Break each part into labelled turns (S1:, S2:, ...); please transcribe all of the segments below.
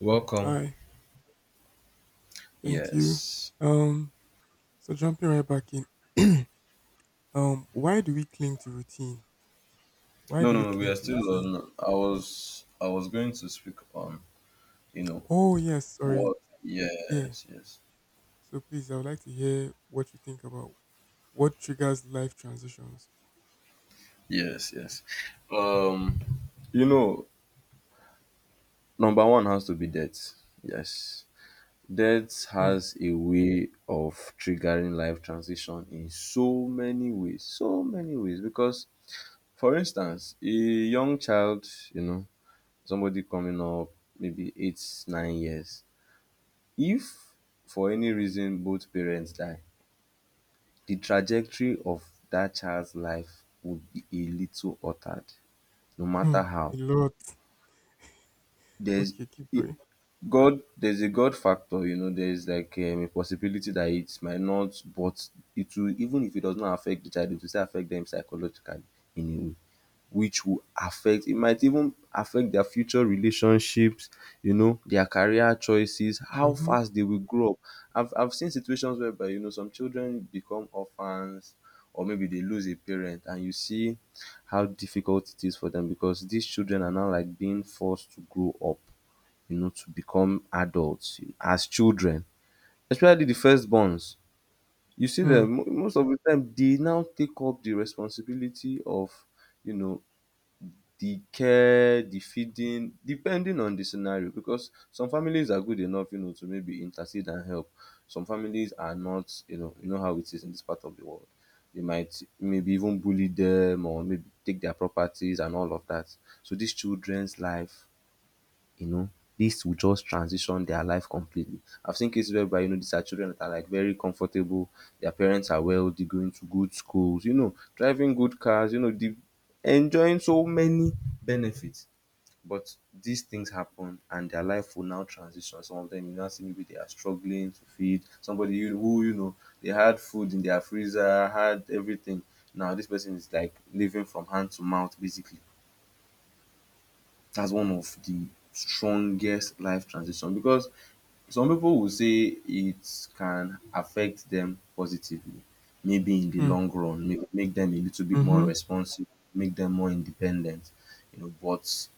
S1: Welcome.
S2: Hi, thank you.
S1: Yes.
S2: Um, so jumping right back in. Why do we cling to routine? Why
S1: No,
S2: do we
S1: no, no. We
S2: cling
S1: are
S2: to
S1: still
S2: routine?
S1: on. I was going to speak on. You know
S2: Oh yes, sorry.
S1: what?
S2: Yeah.
S1: Yes, yes,
S2: So please, I would like to hear what you think about what triggers life transitions.
S1: yes, yes. Um, you know, number one has to be death. Yes, death
S2: Hmm.
S1: has a way of triggering life transition in so many ways, so many ways. Because, for instance, a young child, you know, somebody coming up maybe 8, 9 years. If for any reason both parents die, the trajectory of that child's life would be a little altered no
S2: Hmm.
S1: matter
S2: A
S1: how.
S2: lot.
S1: There's
S2: Okay, keep
S1: i-
S2: going.
S1: God, there's a God factor, there's like a possibility that it might not, but it will. Even if it does not affect the child, it will still affect them psychologically in a way, which will affect it might even affect their future relationships, their career choices, how
S2: Mm-hmm.
S1: fast they will grow up. I've seen situations whereby some children become orphans, or maybe they lose a parent, and you see how difficult it is for them, because these children are now like being forced to grow up, to become adults as children, especially the firstborns. You see them
S2: Hmm.
S1: most of the time they now take up the responsibility of, you know the care, the feeding, depending on the scenario, because some families are good enough, to maybe intercede and help. Some families are not, you know how it is in this part of the world. They might maybe even bully them, or maybe take their properties and all of that. So these children's life, you know, this will just transition their life completely. I've seen cases whereby, these are children that are like very comfortable, their parents are wealthy, going to good schools, driving good cars, enjoying so many benefits. But these things happen and their life will now transition. Some of them, you now see maybe they are struggling to feed somebody who, they had food in their freezer, had everything. Now this person is like living from hand to mouth basically. That's one of the strongest life transition, because some people will say it can affect them positively, maybe in the
S2: Hmm.
S1: long run, make them a little bit more
S2: Mm-hmm.
S1: responsive, make them more independent, but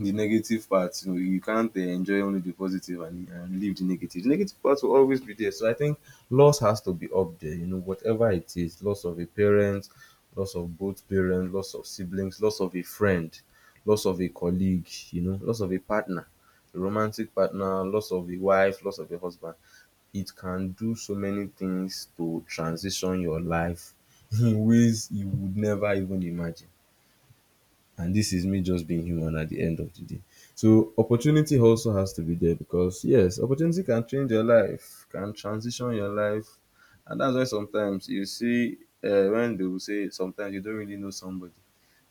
S1: the negative part, you can't enjoy only the positive, and leave The negative part will always be there. So I think loss has to be up there, whatever it is. Loss of a parent, loss of both parents, loss of siblings, loss of a friend, loss of a colleague, loss of a partner, a romantic partner, loss of a wife, loss of a husband. It can do so many things to transition your life, in ways you would never even imagine, and this is me just being human at the end of the day. So opportunity also has to be there, because yes, opportunity can change your life, can transition your life, and that's why sometimes you see, when they will say, sometimes you don't really know somebody,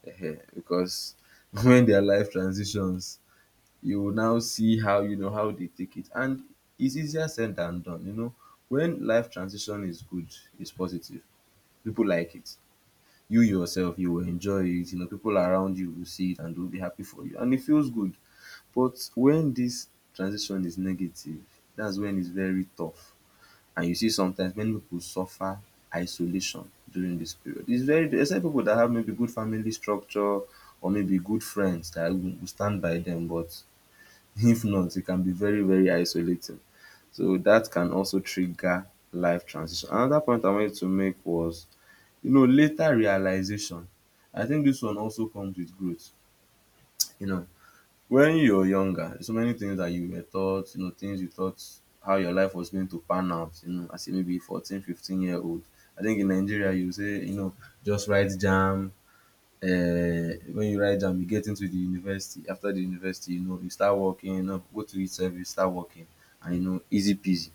S1: because when their life transitions, you will now see, how how they take it, and it's easier said than done. When life transition is good, it's positive, people like it, you yourself you will enjoy it, people around you will see it and will be happy for you, and it feels good. But when this transition is negative, that's when it's very tough, and you see sometimes many people suffer isolation during this period. It's very, except people that have maybe good family structure or maybe good friends that will stand by them, but if not, it can be very, very isolating. So that can also trigger life transition. Another point I wanted to make was, later realization. I think this one also comes with growth. You know when you're younger, so many things that you were taught, things you thought, how your life was going to pan out, as a maybe 14 15 year old. I think in Nigeria you say, just write Jam. When you write Jam, you get into the university. After the university, you start working, go to each service, start working, and easy peasy.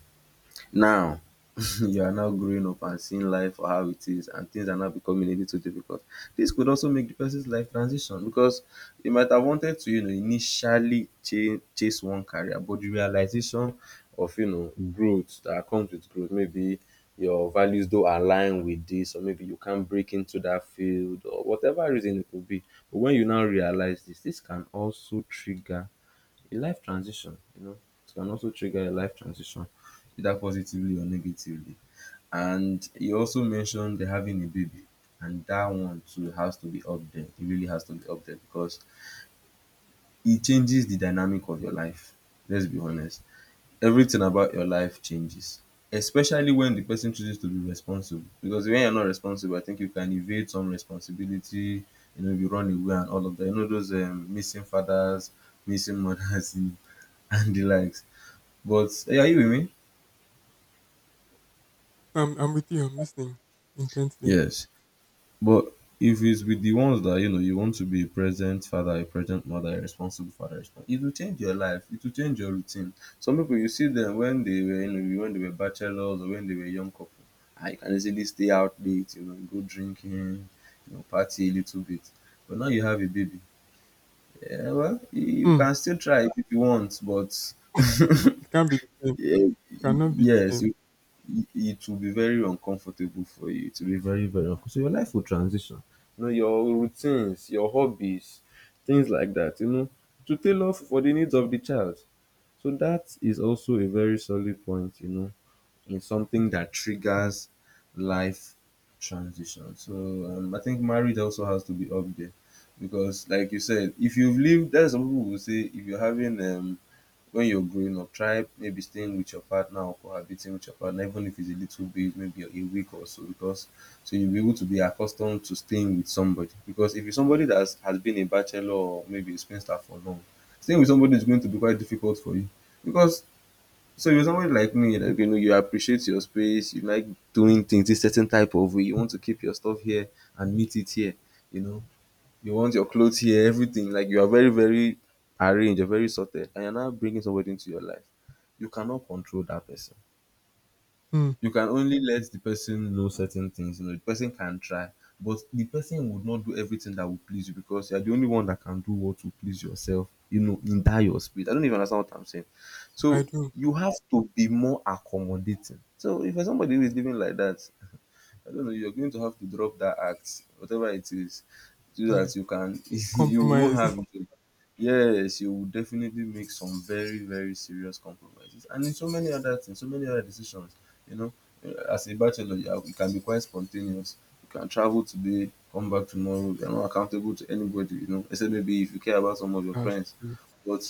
S1: Now you are now growing up and seeing life for how it is, and things are now becoming a little difficult. This could also make the person's life transition, because you might have wanted to, initially chase one career, but the realization of, growth, that comes with growth, maybe your values don't align with this, or maybe you can't break into that field, or whatever reason it could be. But when you now realize this, this can also trigger a life transition, it can also trigger a life transition, either positively or negatively. And you also mentioned the having a baby, and that one too has to be up there. It really has to be up there, because it changes the dynamic of your life. Let's be honest. Everything about your life changes, especially when the person chooses to be responsible. Because when you're not responsible, I think you can evade some responsibility. If you run away and all of that. You know those missing fathers, missing mothers, and the likes. But hey, are you with me?
S2: I'm with you. I'm listening intently.
S1: Yes. But if it's with the ones that you know you want to be a present father, a present mother, a responsible father, it will change your life. It will change your routine. Some people, you see them when they were bachelors, or when they were young couple, I can easily stay out late, go drinking, party a little bit. But now you have a baby. Yeah, well, you
S2: Hmm.
S1: can still try if you want, but
S2: It can't be the same.
S1: yeah,
S2: Cannot be the
S1: yes,
S2: same.
S1: it will be very uncomfortable for you. It will be very, very uncomfortable. So your life will transition. Your routines, your hobbies, things like that, to tailor for the needs of the child. So that is also a very solid point, in something that triggers life transition. So I think marriage also has to be up there, because, like you said, if you've lived, there's some people who say, if you're having, when you're growing up, try maybe staying with your partner, or cohabiting with your partner, even if it's a little bit, maybe a week or so, because so you'll be able to be accustomed to staying with somebody. Because if you're somebody that has been a bachelor or maybe a spinster for long, staying with somebody is going to be quite difficult for you, because so you're somebody like me, like you appreciate your space, you like doing things this certain type of way. You want to keep your stuff here and meet it here, you know. You want your clothes here, everything. Like you are very, very arranged, you're very sorted, and you're now bringing somebody into your life. You cannot control that person.
S2: Hmm.
S1: You can only let the person know certain things. The person can try, but the person would not do everything that will please you, because you're the only one that can do what will please yourself, in that your speed. I don't even understand what I'm saying.
S2: I
S1: So
S2: do.
S1: you have to be more accommodating. So if you're somebody who is living like that, I don't know, you're going to have to drop that act, whatever it is, so
S2: Yeah.
S1: that you can, you won't
S2: Compromise.
S1: have it. Yes, you will definitely make some very, very serious compromises. And in so many other things, so many other decisions, you know, as a bachelor, you can be quite spontaneous. You can travel today, come back tomorrow. You're not accountable to anybody, except maybe if you care about some of your
S2: That's
S1: friends.
S2: true.
S1: But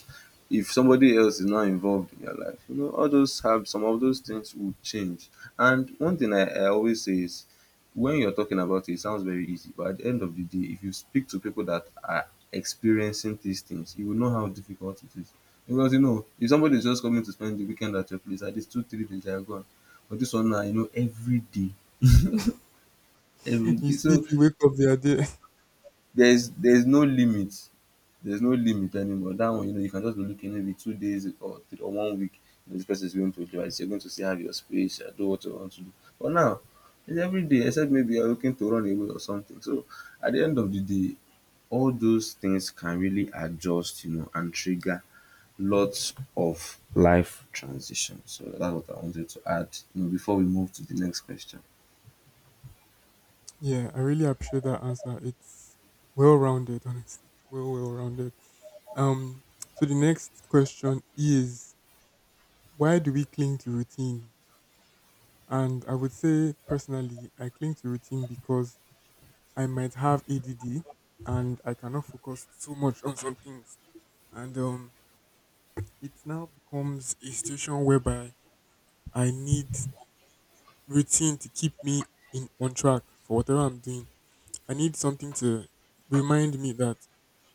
S1: if somebody else is not involved in your life, all those have some of those things will change. And one thing I always say is, when you're talking about it, it sounds very easy, but at the end of the day, if you speak to people that are experiencing these things, you will know how difficult it is. Because, if somebody is just coming to spend the weekend at your place, at least 2, 3 days they are gone. But this one now, every day, every
S2: You
S1: day.
S2: sleep,
S1: So
S2: you wake up, they are there.
S1: there's no limit, there's no limit anymore. That one, you know, you can just be looking maybe two days or three or one week, you know, this person is going to do. You're going to still have your space, I do what you want to do. But now it's every day, except maybe you're looking to run away or something. So at the end of the day, all those things can really adjust, you know, and trigger lots of life transition. So that's what I wanted to add, you know, before we move to the next question.
S2: Yeah, I really appreciate that answer. It's well rounded, honestly. Well rounded. Um, so the next question is, why do we cling to routine? And I would say personally, I cling to routine because I might have ADD and I cannot focus so much on some things. And It now becomes a situation whereby I need routine to keep me in on track for whatever I'm doing. I need something to remind me that,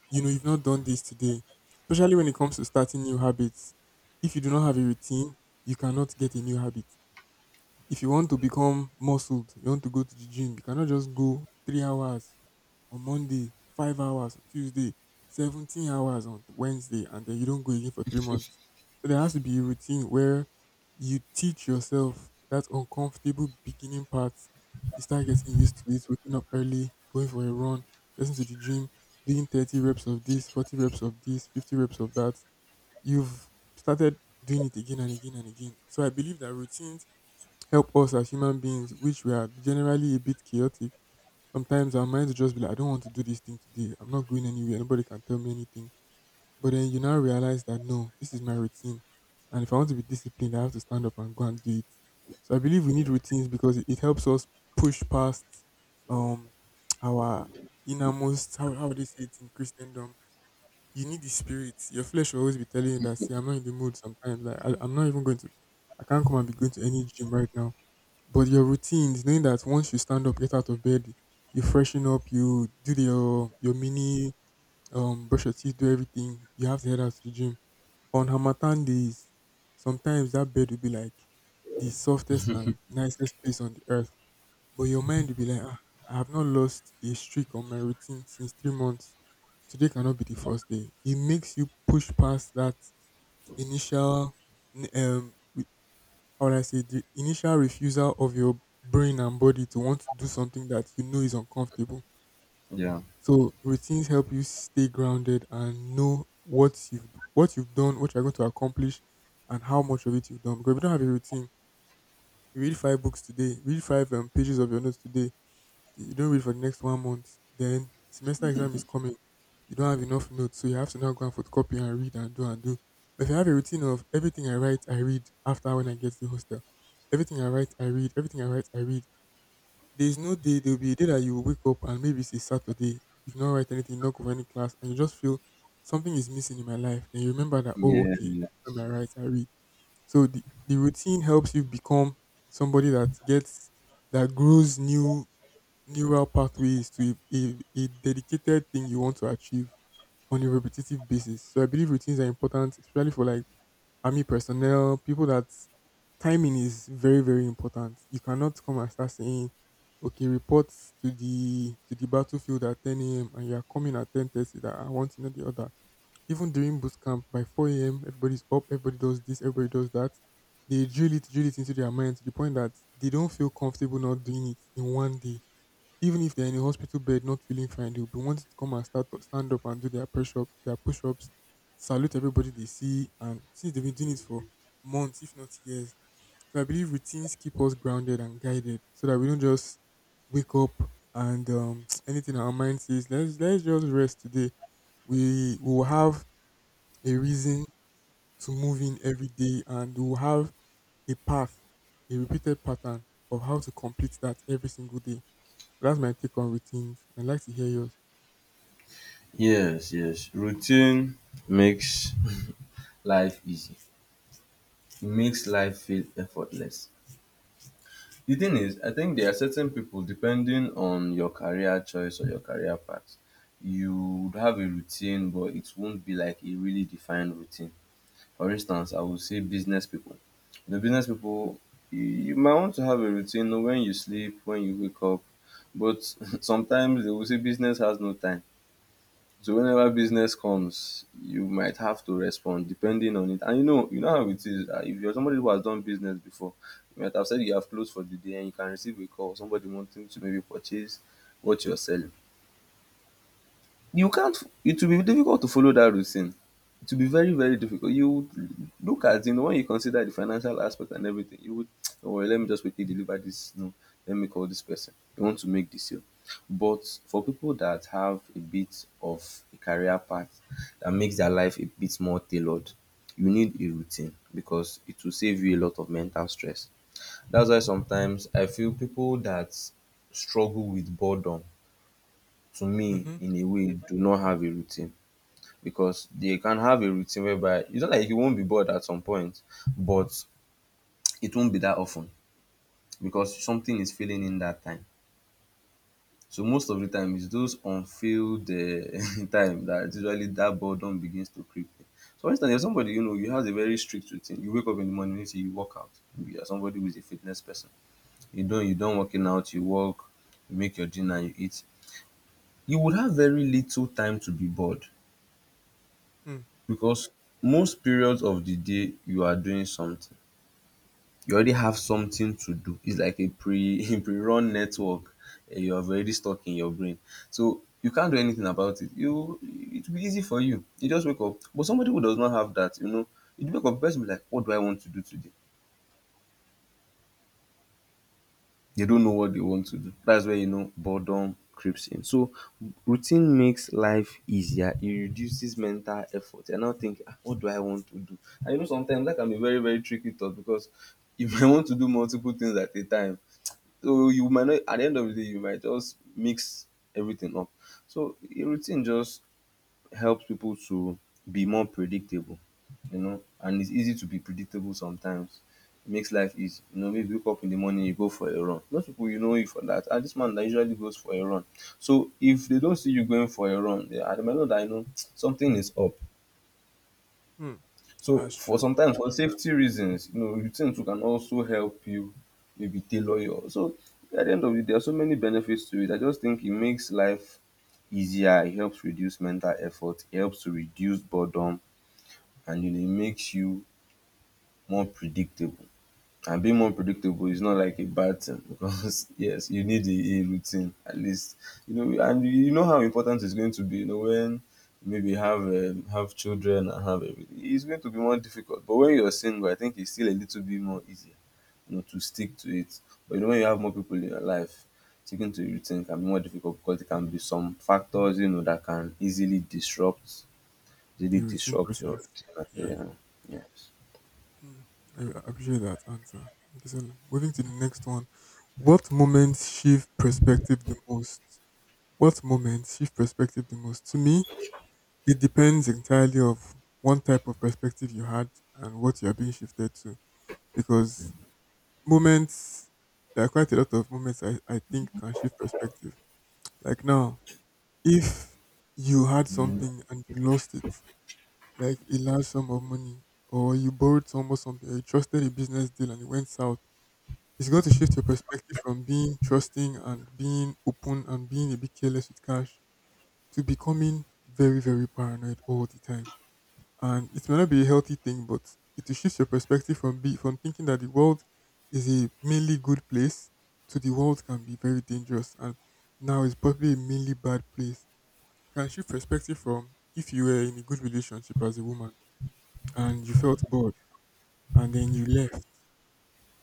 S2: you know, you've not done this today. Especially when it comes to starting new habits. If you do not have a routine, you cannot get a new habit. If you want to become muscled, you want to go to the gym, you cannot just go three hours on Monday, five hours on Tuesday, 17 hours on Wednesday, and then you don't go again for three months. So there has to be a routine where you teach yourself that uncomfortable beginning part. You start getting used to it, waking up early, going for a run, getting to the gym, doing 30 reps of this, 40 reps of this, 50 reps of that. You've started doing it again and again and again. So I believe that routines help us as human beings, which we are generally a bit chaotic. Sometimes our minds will just be like, I don't want to do this thing today. I'm not going anywhere. Nobody can tell me anything. But then you now realize that no, this is my routine. And if I want to be disciplined, I have to stand up and go and do it. So I believe we need routines because it helps us push past um our innermost, how would they say it in Christendom? You need the spirit. Your flesh will always be telling you that, see, I'm not in the mood sometimes. Like I'm not even going to, I can't come and be going to any gym right now, but your routines, knowing that once you stand up, get out of bed, you freshen up, you do your mini, brush your teeth, do everything. You have to head out to the gym. On Hamatan days, sometimes that bed will be like the softest and nicest place on the earth. But your mind will be like, ah, I have not lost a streak on my routine since three months. Today cannot be the first day. It makes you push past that initial n- um how would I say, the initial refusal of your brain and body to want to do something that you know is uncomfortable.
S1: Yeah,
S2: So routines help you stay grounded and know what you've done, what you're going to accomplish, and how much of it you've done. Because if you don't have a routine, you read five books today, read five pages of your notes today, you don't read for the next one month. Then semester exam is coming. You don't have enough notes, so you have to now go and photocopy and read and do and do. But if you have a routine of, everything I write, I read after when I get to the hostel. Everything I write, I read. Everything I write, I read. There is no day. There will be a day that you will wake up and maybe it's a Saturday. You do not write anything, not go for any class, and you just feel something is missing in my life. Then you remember that, oh
S1: yeah.
S2: okay, every time I write, I read. So the routine helps you become somebody that gets that grows new neural pathways to a, a, a dedicated thing you want to achieve on a repetitive basis. So I believe routines are important, especially for like army personnel, people that timing is very important. You cannot come and start saying, okay, reports to the battlefield at 10 a.m. and you're coming at 10:30, that I want to know the other. Even during boot camp by 4 a.m., everybody's up, everybody does this, everybody does that. They drill it into their mind to the point that they don't feel comfortable not doing it in one day, even if they're in a hospital bed not feeling fine, they'll be wanting to come and start stand up and do their push ups, salute everybody they see, and since they've been doing it for months, if not years. So I believe routines keep us grounded and guided, so that we don't just wake up and anything our mind says, let's just rest today. We will have a reason to move in every day, and we'll have a path, a repeated pattern of how to complete that every single day. That's my take on routines. I'd like to hear yours.
S1: Yes, yes. Routine makes life easy. It makes life feel effortless. The thing is, I think there are certain people, depending on your career choice or your career path, you would have a routine, but it won't be like a really defined routine. For instance, I would say business people. You know, business people, you might want to have a routine, you know, when you sleep, when you wake up, but sometimes they will say business has no time. So whenever business comes, you might have to respond depending on it. And you know how it is. If you're somebody who has done business before, you might have said you have closed for the day and you can receive a call, somebody wanting to maybe purchase what you're selling. You can't, it will be difficult to follow that routine. It will be very, very difficult. You would look
S2: Yeah.
S1: at, you know, when you consider the financial aspect and everything, you would, oh well, let me just quickly deliver this. No, let me call this person, you want to make this sale. But for people that have a bit of a career path that makes their life a bit more tailored, you need a routine because it will save you a lot of mental stress. That's why sometimes I feel people that struggle with boredom, to me,
S2: Mm-hmm.
S1: in a way, do not have a routine. Because they can have a routine whereby it's not like you won't be bored at some point, but it won't be that often because something is filling in that time. So most of the time, it's those unfilled time that usually that boredom begins to creep in. So, for instance, if somebody, you know, you have a very strict routine, you wake up in the morning, say you work out. Maybe you're somebody who is a fitness person. You don't working out, you walk, you make your dinner, you eat. You would have very little time to be bored
S2: Hmm.
S1: because most periods of the day you are doing something. You already have something to do. It's like a pre pre-run network, eh, you have already stuck in your brain. So you can't do anything about it. You, it will be easy for you. You just wake up. But somebody who does not have that, you know, you wake up, the person be like, what do I want to do today? They don't know what they want to do. That's where, you know, boredom creeps in. So routine makes life easier. It reduces mental effort. You're not thinking, "Ah, what do I want to do?" And you know sometimes that can be very, very tricky thought because if I want to do multiple things at a time. So you might not, at the end of the day, you might just mix everything up. So a routine just helps people to be more predictable, you know, and it's easy to be predictable sometimes. It makes life easy. You know, maybe you wake up in the morning, you go for a run. Most people, you know, you for that. And this man that usually goes for a run. So if they don't see you going for a run, they might know that, you know, something is up.
S2: Hmm.
S1: So
S2: That's
S1: for
S2: true.
S1: sometimes for safety reasons, you know, routines can also help you maybe tailor your, so at the end of the day there are so many benefits to it. I just think it makes life easier, it helps reduce mental effort, it helps to reduce boredom, and you know, it makes you more predictable. And being more predictable is not like a bad thing because yes, you need a routine at least. You know, and you know how important it's going to be, you know, when maybe have children and have everything, it's going to be more difficult. But when you're single, I think it's still a little bit more easier, you know, to stick to it. But you know, when you have more people in your life, sticking to a routine can be more difficult because it can be some factors, you know, that can easily disrupt, easily
S2: The routine
S1: disrupt your
S2: process.
S1: routine.
S2: Yeah.
S1: Yeah, yes.
S2: Hmm. I appreciate that answer. Okay, so moving to the next one. What moments shift perspective the most? What moments shift perspective the most? To me, it depends entirely of one type of perspective you had and what you're being shifted to. Because moments, there are quite a lot of moments I think can shift perspective. Like now, if you had something and you lost it, like a large sum of money, or you borrowed someone something, or you trusted a business deal and it went south, it's going to shift your perspective from being trusting and being open and being a bit careless with cash to becoming very paranoid all the time. And it may not be a healthy thing, but it will shift your perspective from be from thinking that the world is a mainly good place, to the world can be very dangerous and now it's probably a mainly bad place. Can shift perspective from, if you were in a good relationship as a woman and you felt bored and then you left,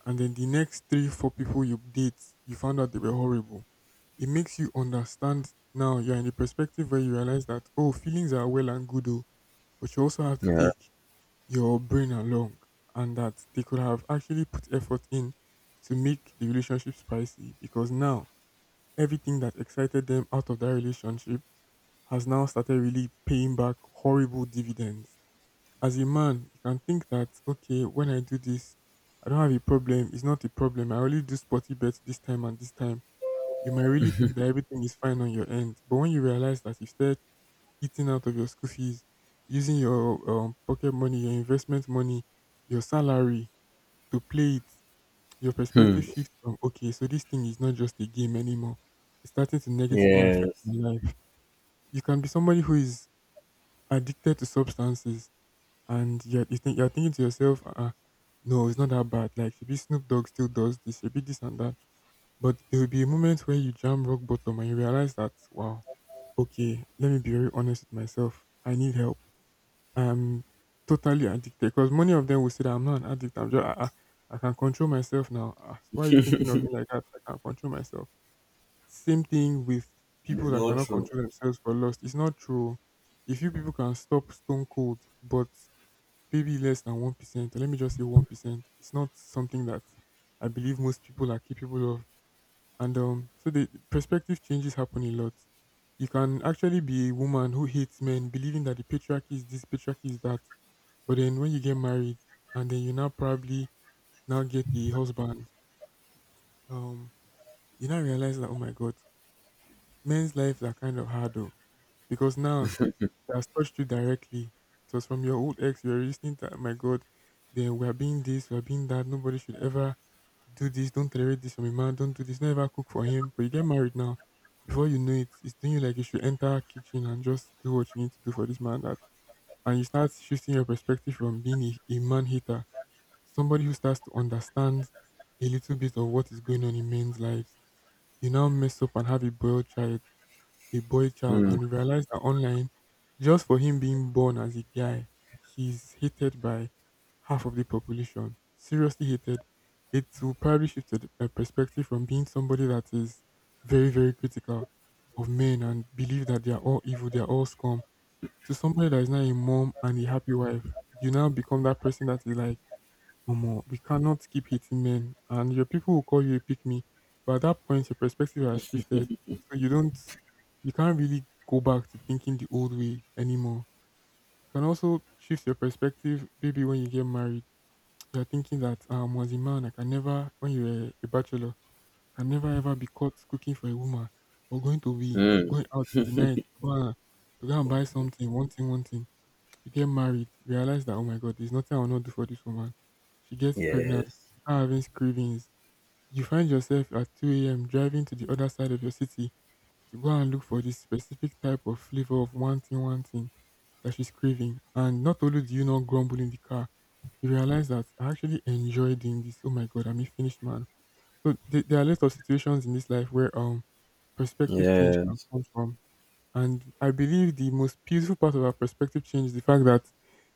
S2: and then the next three, four people you date, you found out they were horrible. It makes you understand now you're in a perspective where you realize that, oh, feelings are well and good, oh, but you also have to
S1: Yeah.
S2: take your brain along, and that they could have actually put effort in to make the relationship spicy, because now everything that excited them out of that relationship has now started really paying back horrible dividends. As a man, you can think that, okay, when I do this, I don't have a problem. It's not a problem. I only do sporty bets this time and this time. You might really think that everything is fine on your end. But when you realize that you start eating out of your school fees, using your pocket money, your investment money, your salary to play it, your perspective shifts from, okay, so this thing is not just a game anymore. It's starting to negatively affect
S1: Yes.
S2: my life. You can be somebody who is addicted to substances and you're thinking to yourself, no, it's not that bad. Like, maybe Snoop Dogg still does this, maybe this and that. But there will be a moment where you jam rock bottom and you realize that, wow, okay, let me be very honest with myself. I need help. I'm totally addicted, because many of them will say that I'm not an addict. I'm just, I can control myself now. Ah, why are you thinking of me like that? I can control myself. Same thing with people
S1: It's
S2: that
S1: not
S2: cannot
S1: true.
S2: control themselves for lust. It's not true. A few people can stop stone cold, but maybe less than 1%. Let me just say 1%. It's not something that I believe most people are capable of. And So the perspective changes happen a lot. You can actually be a woman who hates men, believing that the patriarchy is this, patriarchy is that. But then when you get married, and then you now probably now get the husband, um, you now realize that, oh my God, men's lives are kind of hard though, because now it has touched you directly. It was from your old ex. You are listening to, my God, they were being this, we are being that. Nobody should ever do this. Don't tolerate this from a man. Don't do this. Never cook for him. But you get married now. Before you know it, it's doing you like you should enter kitchen and just do what you need to do for this man. That and you start shifting your perspective from being a man hater to somebody who starts to understand a little bit of what is going on in men's lives. You now mess up and have a boiled child a boy child
S1: Hmm.
S2: and realized that online, just for him being born as a guy, he's hated by half of the population. Seriously hated. It will probably shift the perspective from being somebody that is very, very critical of men and believe that they are all evil, they are all scum, to somebody that is now a mom and a happy wife. You now become that person that is like, Omo, we cannot keep hitting men, and your people will call you a pick me. But at that point, your perspective has shifted, so you don't, you can't really go back to thinking the old way anymore. You can also shift your perspective, maybe when you get married. You're thinking that, as a man, I can never, when you were a bachelor, I can never ever be caught cooking for a woman or going to be
S1: Mm.
S2: going out in the night to go and buy something, one thing, one thing. You get married, you realize that, oh my God, there's nothing I will not do for this woman. She gets pregnant,
S1: Yes.
S2: you start having cravings. You find yourself at 2 a.m. driving to the other side of your city to go and look for this specific type of flavor of one thing that she's craving. And not only do you not grumble in the car, you realize that I actually enjoy doing this. Oh my God, I'm a finished man. So there are lots of situations in this life where perspective change can
S1: Yes.
S2: come from, and I believe the most beautiful part of our perspective change is the fact that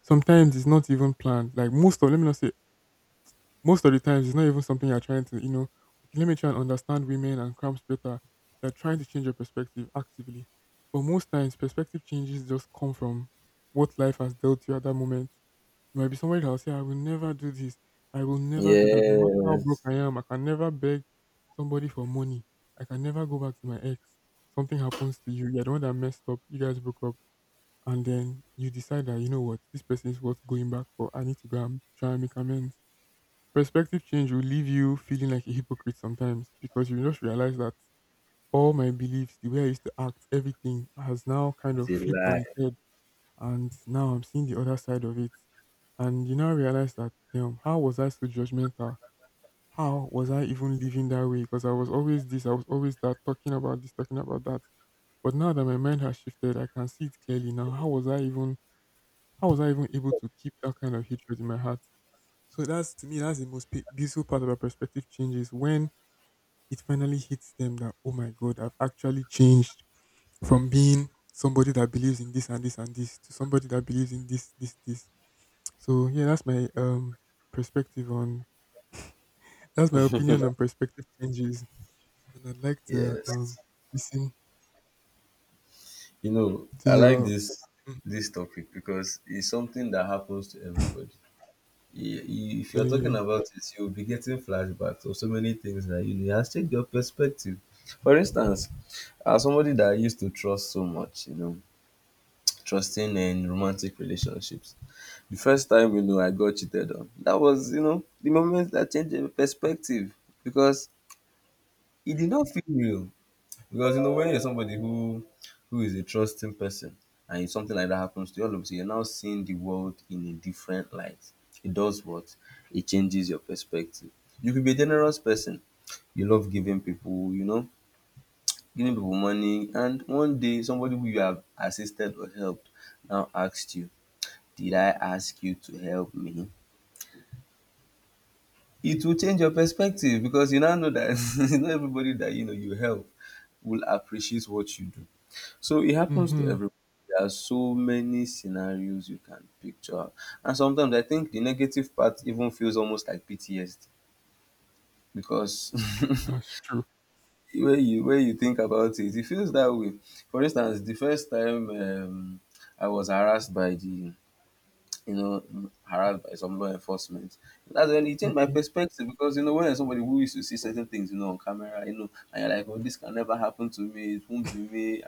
S2: sometimes it's not even planned. Like most of the times it's not even something you're trying to, you know, okay, let me try and understand women and cramps better. You're trying to change your perspective actively. But most times, perspective changes just come from what life has dealt you at that moment. There might be somebody that will say, I will never do this. I will never do that. No matter how broke
S1: Yes.
S2: I am, I can never beg somebody for money. I can never go back to my ex. Something happens to you. You're the one that messed up. You guys broke up. And then you decide that, you know what, this person is worth going back for. I need to go and try and make amends. Perspective change will leave you feeling like a hypocrite sometimes because you just realize that all my beliefs, the way I used to act, everything has now kind
S1: It's
S2: of
S1: a
S2: flipped on
S1: lie.
S2: its head, and now I'm seeing the other side of it. And you now realize that, damn, how was I so judgmental? How was I even living that way? Because I was always this, I was always that, talking about this, talking about that. But now that my mind has shifted, I can see it clearly now. How was I even able to keep that kind of hatred in my heart? So that's to me, that's the most beautiful part about perspective changes when it finally hits them that, oh my God, I've actually changed from being somebody that believes in this and this and this to somebody that believes in this, this, this. So yeah, that's my perspective on that's my opinion on perspective changes, and I'd like to
S1: Yes.
S2: listen
S1: You know,
S2: to
S1: I like
S2: your
S1: this
S2: Mhm,
S1: this topic because it's something that happens to everybody. If you're
S2: telling
S1: talking
S2: you.
S1: about it, you'll be getting flashbacks of so many things that, you know, it has changed your perspective. For instance, as somebody that I used to trust so much, you know, trusting in romantic relationships. The first time, you know, I got cheated on, that was, you know, the moment that changed my perspective. Because it did not feel real, because you know when you're somebody who is a trusting person, and something like that happens to you, all of a sudden you're now seeing the world in a different light. It does what? It changes your perspective. You could be a generous person. You love giving people, you know, giving people money, and one day somebody who you have assisted or helped now asked you, "Did I ask you to help me?" It will change your perspective because you now know that not everybody that, you know, you help will appreciate what you do. So it happens to
S2: Mm-hmm,
S1: everyone. There are so many scenarios you can picture. And sometimes I think the negative part even feels almost like PTSD because
S2: that's true.
S1: when you, when you think about it, it feels that way. For instance, the first time I was harassed by the, you know, harassed by some law enforcement. That's when it changed my
S2: Okay.
S1: perspective. Because, you know, when somebody who used to see certain things, you know, on camera, you know, and you're like, oh, this can never happen to me. It won't be me.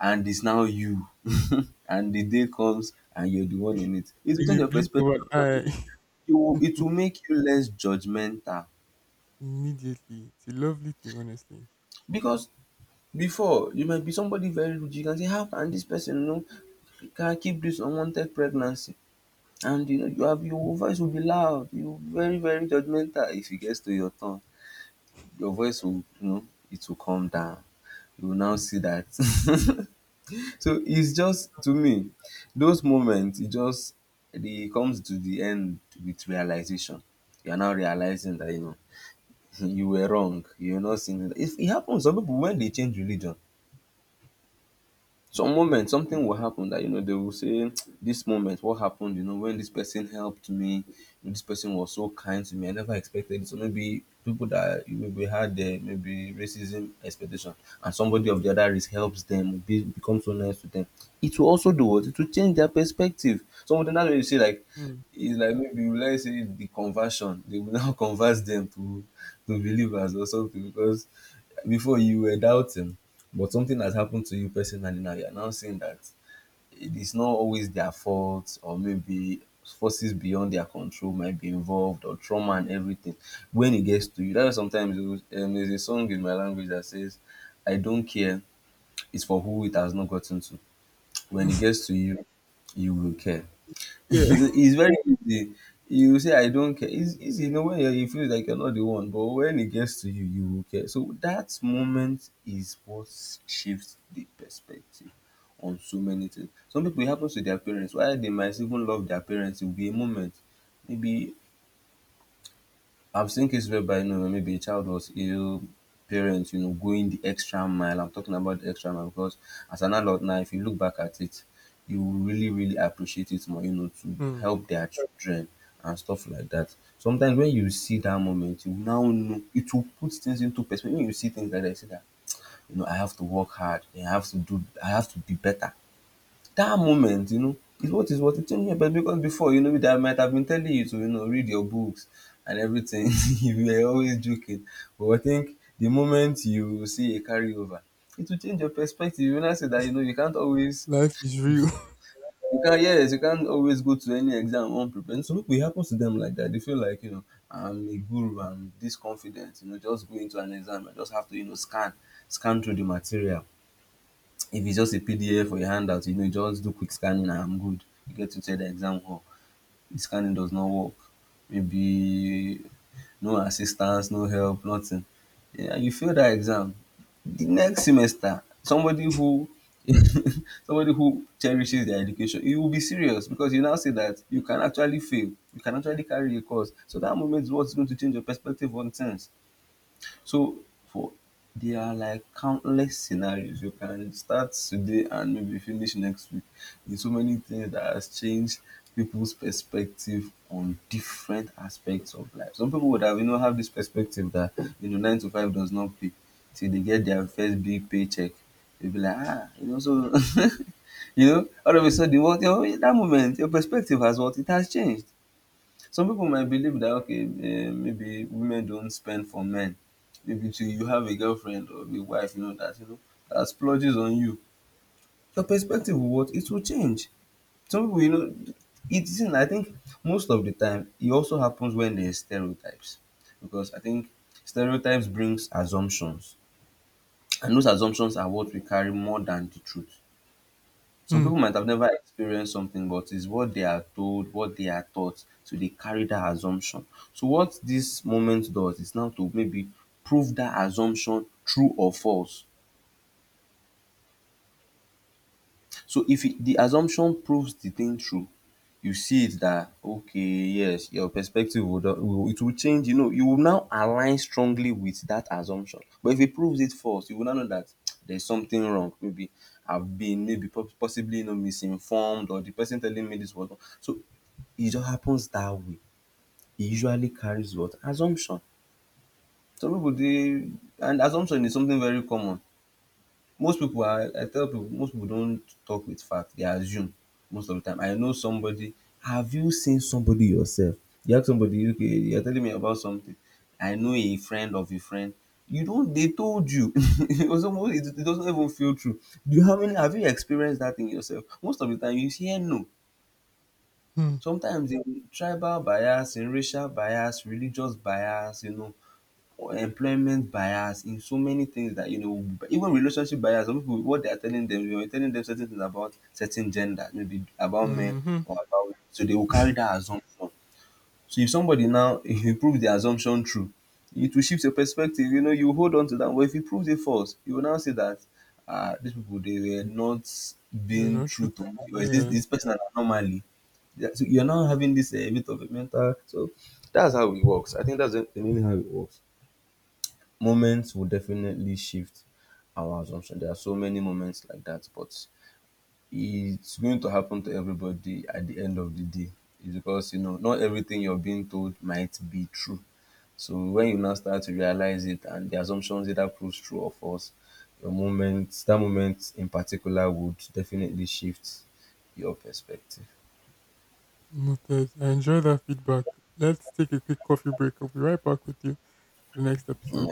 S1: And it's now you. And the day comes and you're the one in it. It will
S2: In
S1: change
S2: a
S1: your
S2: blink of
S1: perspective, all
S2: an
S1: of a sudden.
S2: eye,
S1: It will make you less judgmental.
S2: immediately. It's a lovely thing, honestly.
S1: Because before, you might be somebody very rude. You can say, how can this person, you know, can keep this unwanted pregnancy? And you know, you have, your voice will be loud. You're very, very judgmental. If it gets to your tongue, your voice will, you know, it will calm down. You will now see that. So it's just, to me, those moments e just dey comes to the end with realization. You are now realizing that, you know, you were wrong. You know if e happens, some pipu wen dey change religion, some moment something will happen that, you know, they will say this moment what happened, you know, when this person helped me, this person was so kind to me, I never expected it. So maybe people that you maybe had maybe racism expectation, and somebody of the other race helps them be, become so nice to them, it will also do what, it will change their perspective, some of them. That's why you see like
S2: Mm.
S1: it's like maybe, let's say, the conversion, they will now convert them to believers or something. Because before you were doubting, but something has happened to you personally now. You're now saying that it is not always their fault, or maybe forces beyond their control might be involved, or trauma and everything. When it gets to you, that's why sometimes it there's a song in my language that says, I don't care, it's for who it has not gotten to. When it gets to you, you will care.
S2: yeah,
S1: It's very easy. You say I don't care. It's easy. You know when you're, you feel like you're not the one, but when it gets to you, you will care. So that moment is what shifts the perspective on so many things. Some people it happens to their parents. Why, they might even love their parents, it will be a moment. Maybe I've seen cases whereby, you know, maybe a child was ill, parents, you know, going the extra mile. I'm talking about the extra mile because as an adult now, if you look back at it, you will really, really appreciate it more. You know, to
S2: Mm.
S1: help their children and stuff like that. Sometimes when you see that moment, you now know it will put things into perspective. When you see things like that, you see that you know I have to work hard. I have to do. I have to be better that moment, you know, is what it changed me. But because before, you know, that I might have been telling you to, you know, read your books and everything. You were always joking. But I think the moment you see a carryover, it will change your perspective. You know, I say that you know you can't always
S2: Life is real.
S1: you can't yes, you can't always go to any exam unprepared. And so people, it happens to them like that. They feel like, you know, I'm a guru, I'm this confident, you know, just go into an exam. I just have to, you know, scan through the material. If it's just a PDF or a handout, you know, you just do quick scanning and I'm good. You get to the exam hall. The scanning does not work. Maybe no assistance, no help, nothing. Yeah, you fail that exam. The next semester, somebody who somebody who cherishes their education, you will be serious because you now say that you can actually fail, you can actually carry a course. So that moment is what's going to change your perspective on things. So for there are like countless scenarios. You can start today and maybe finish next week. There's so many things that has changed people's perspective on different aspects of life. Some people would have you know have this perspective that you know nine to five does not pay till they get their first big paycheck. They'll be like, ah, you know, so you know, all of a sudden what you know, in that moment your perspective has what it has changed. Some people might believe that okay, eh, maybe women don't spend for men. Maybe till you have a girlfriend or a wife, you know that splurges on you. Your perspective will what it will change. Some people, you know, it's in, I think most of the time it also happens when there's stereotypes, because I think stereotypes brings assumptions, and those assumptions are what we carry more than the truth. Some
S2: Mm.
S1: people might have never experienced something, but it's what they are told, what they are taught, so they carry that assumption. So what this moment does is now to maybe prove that assumption true or false. So if it, the assumption proves the thing true, you see it that okay, yes, your perspective will, will it will change. You know, you will now align strongly with that assumption. But if it proves it false, you will now know that there's something wrong. Maybe I've been maybe possibly you know misinformed, or the person telling me this was wrong. So e just happens that way, e usually carries what assumption. Some people dey and assumption is something very common. Most people are I tell people most people don't talk with fact, they assume most of the time. I know somebody, have you seen somebody yourself? You ask somebody okay you are telling me about something I know a friend of a friend you don't they told you it was almost. It doesn't even feel true. Do you have any have you experienced that thing yourself? Most of the time you hear no.
S2: Mm.
S1: Sometimes in tribal bias, in racial bias, religious bias, you know, or employment bias, in so many things that, you know, even relationship bias, some people, what they are telling them, you're telling them certain things about certain gender, maybe about men
S2: Mm-hmm.
S1: or about women. So they will carry that assumption. So if somebody now if you prove the assumption true, it will shift your perspective. You know, you hold on to that. But if you prove it false, you will now say that ah, these people they were not
S2: You're
S1: being
S2: not
S1: true to me,
S2: truthful.
S1: or is this
S2: Yeah,
S1: this person an anomaly? Yeah, so you're now having this a bit of a mental. So that's how it works. I think that's the mainly how it works. Moments will definitely shift our assumption. There are so many moments like that, but it's going to happen to everybody at the end of the day. It's because you know not everything you're being told might be true, so when you now start to realize it and the assumptions either proves true or false, your moment, that moment in particular would definitely shift your perspective.
S2: noted. I enjoy that feedback. Let's take a quick coffee break. I'll be right back with you. To the next episode.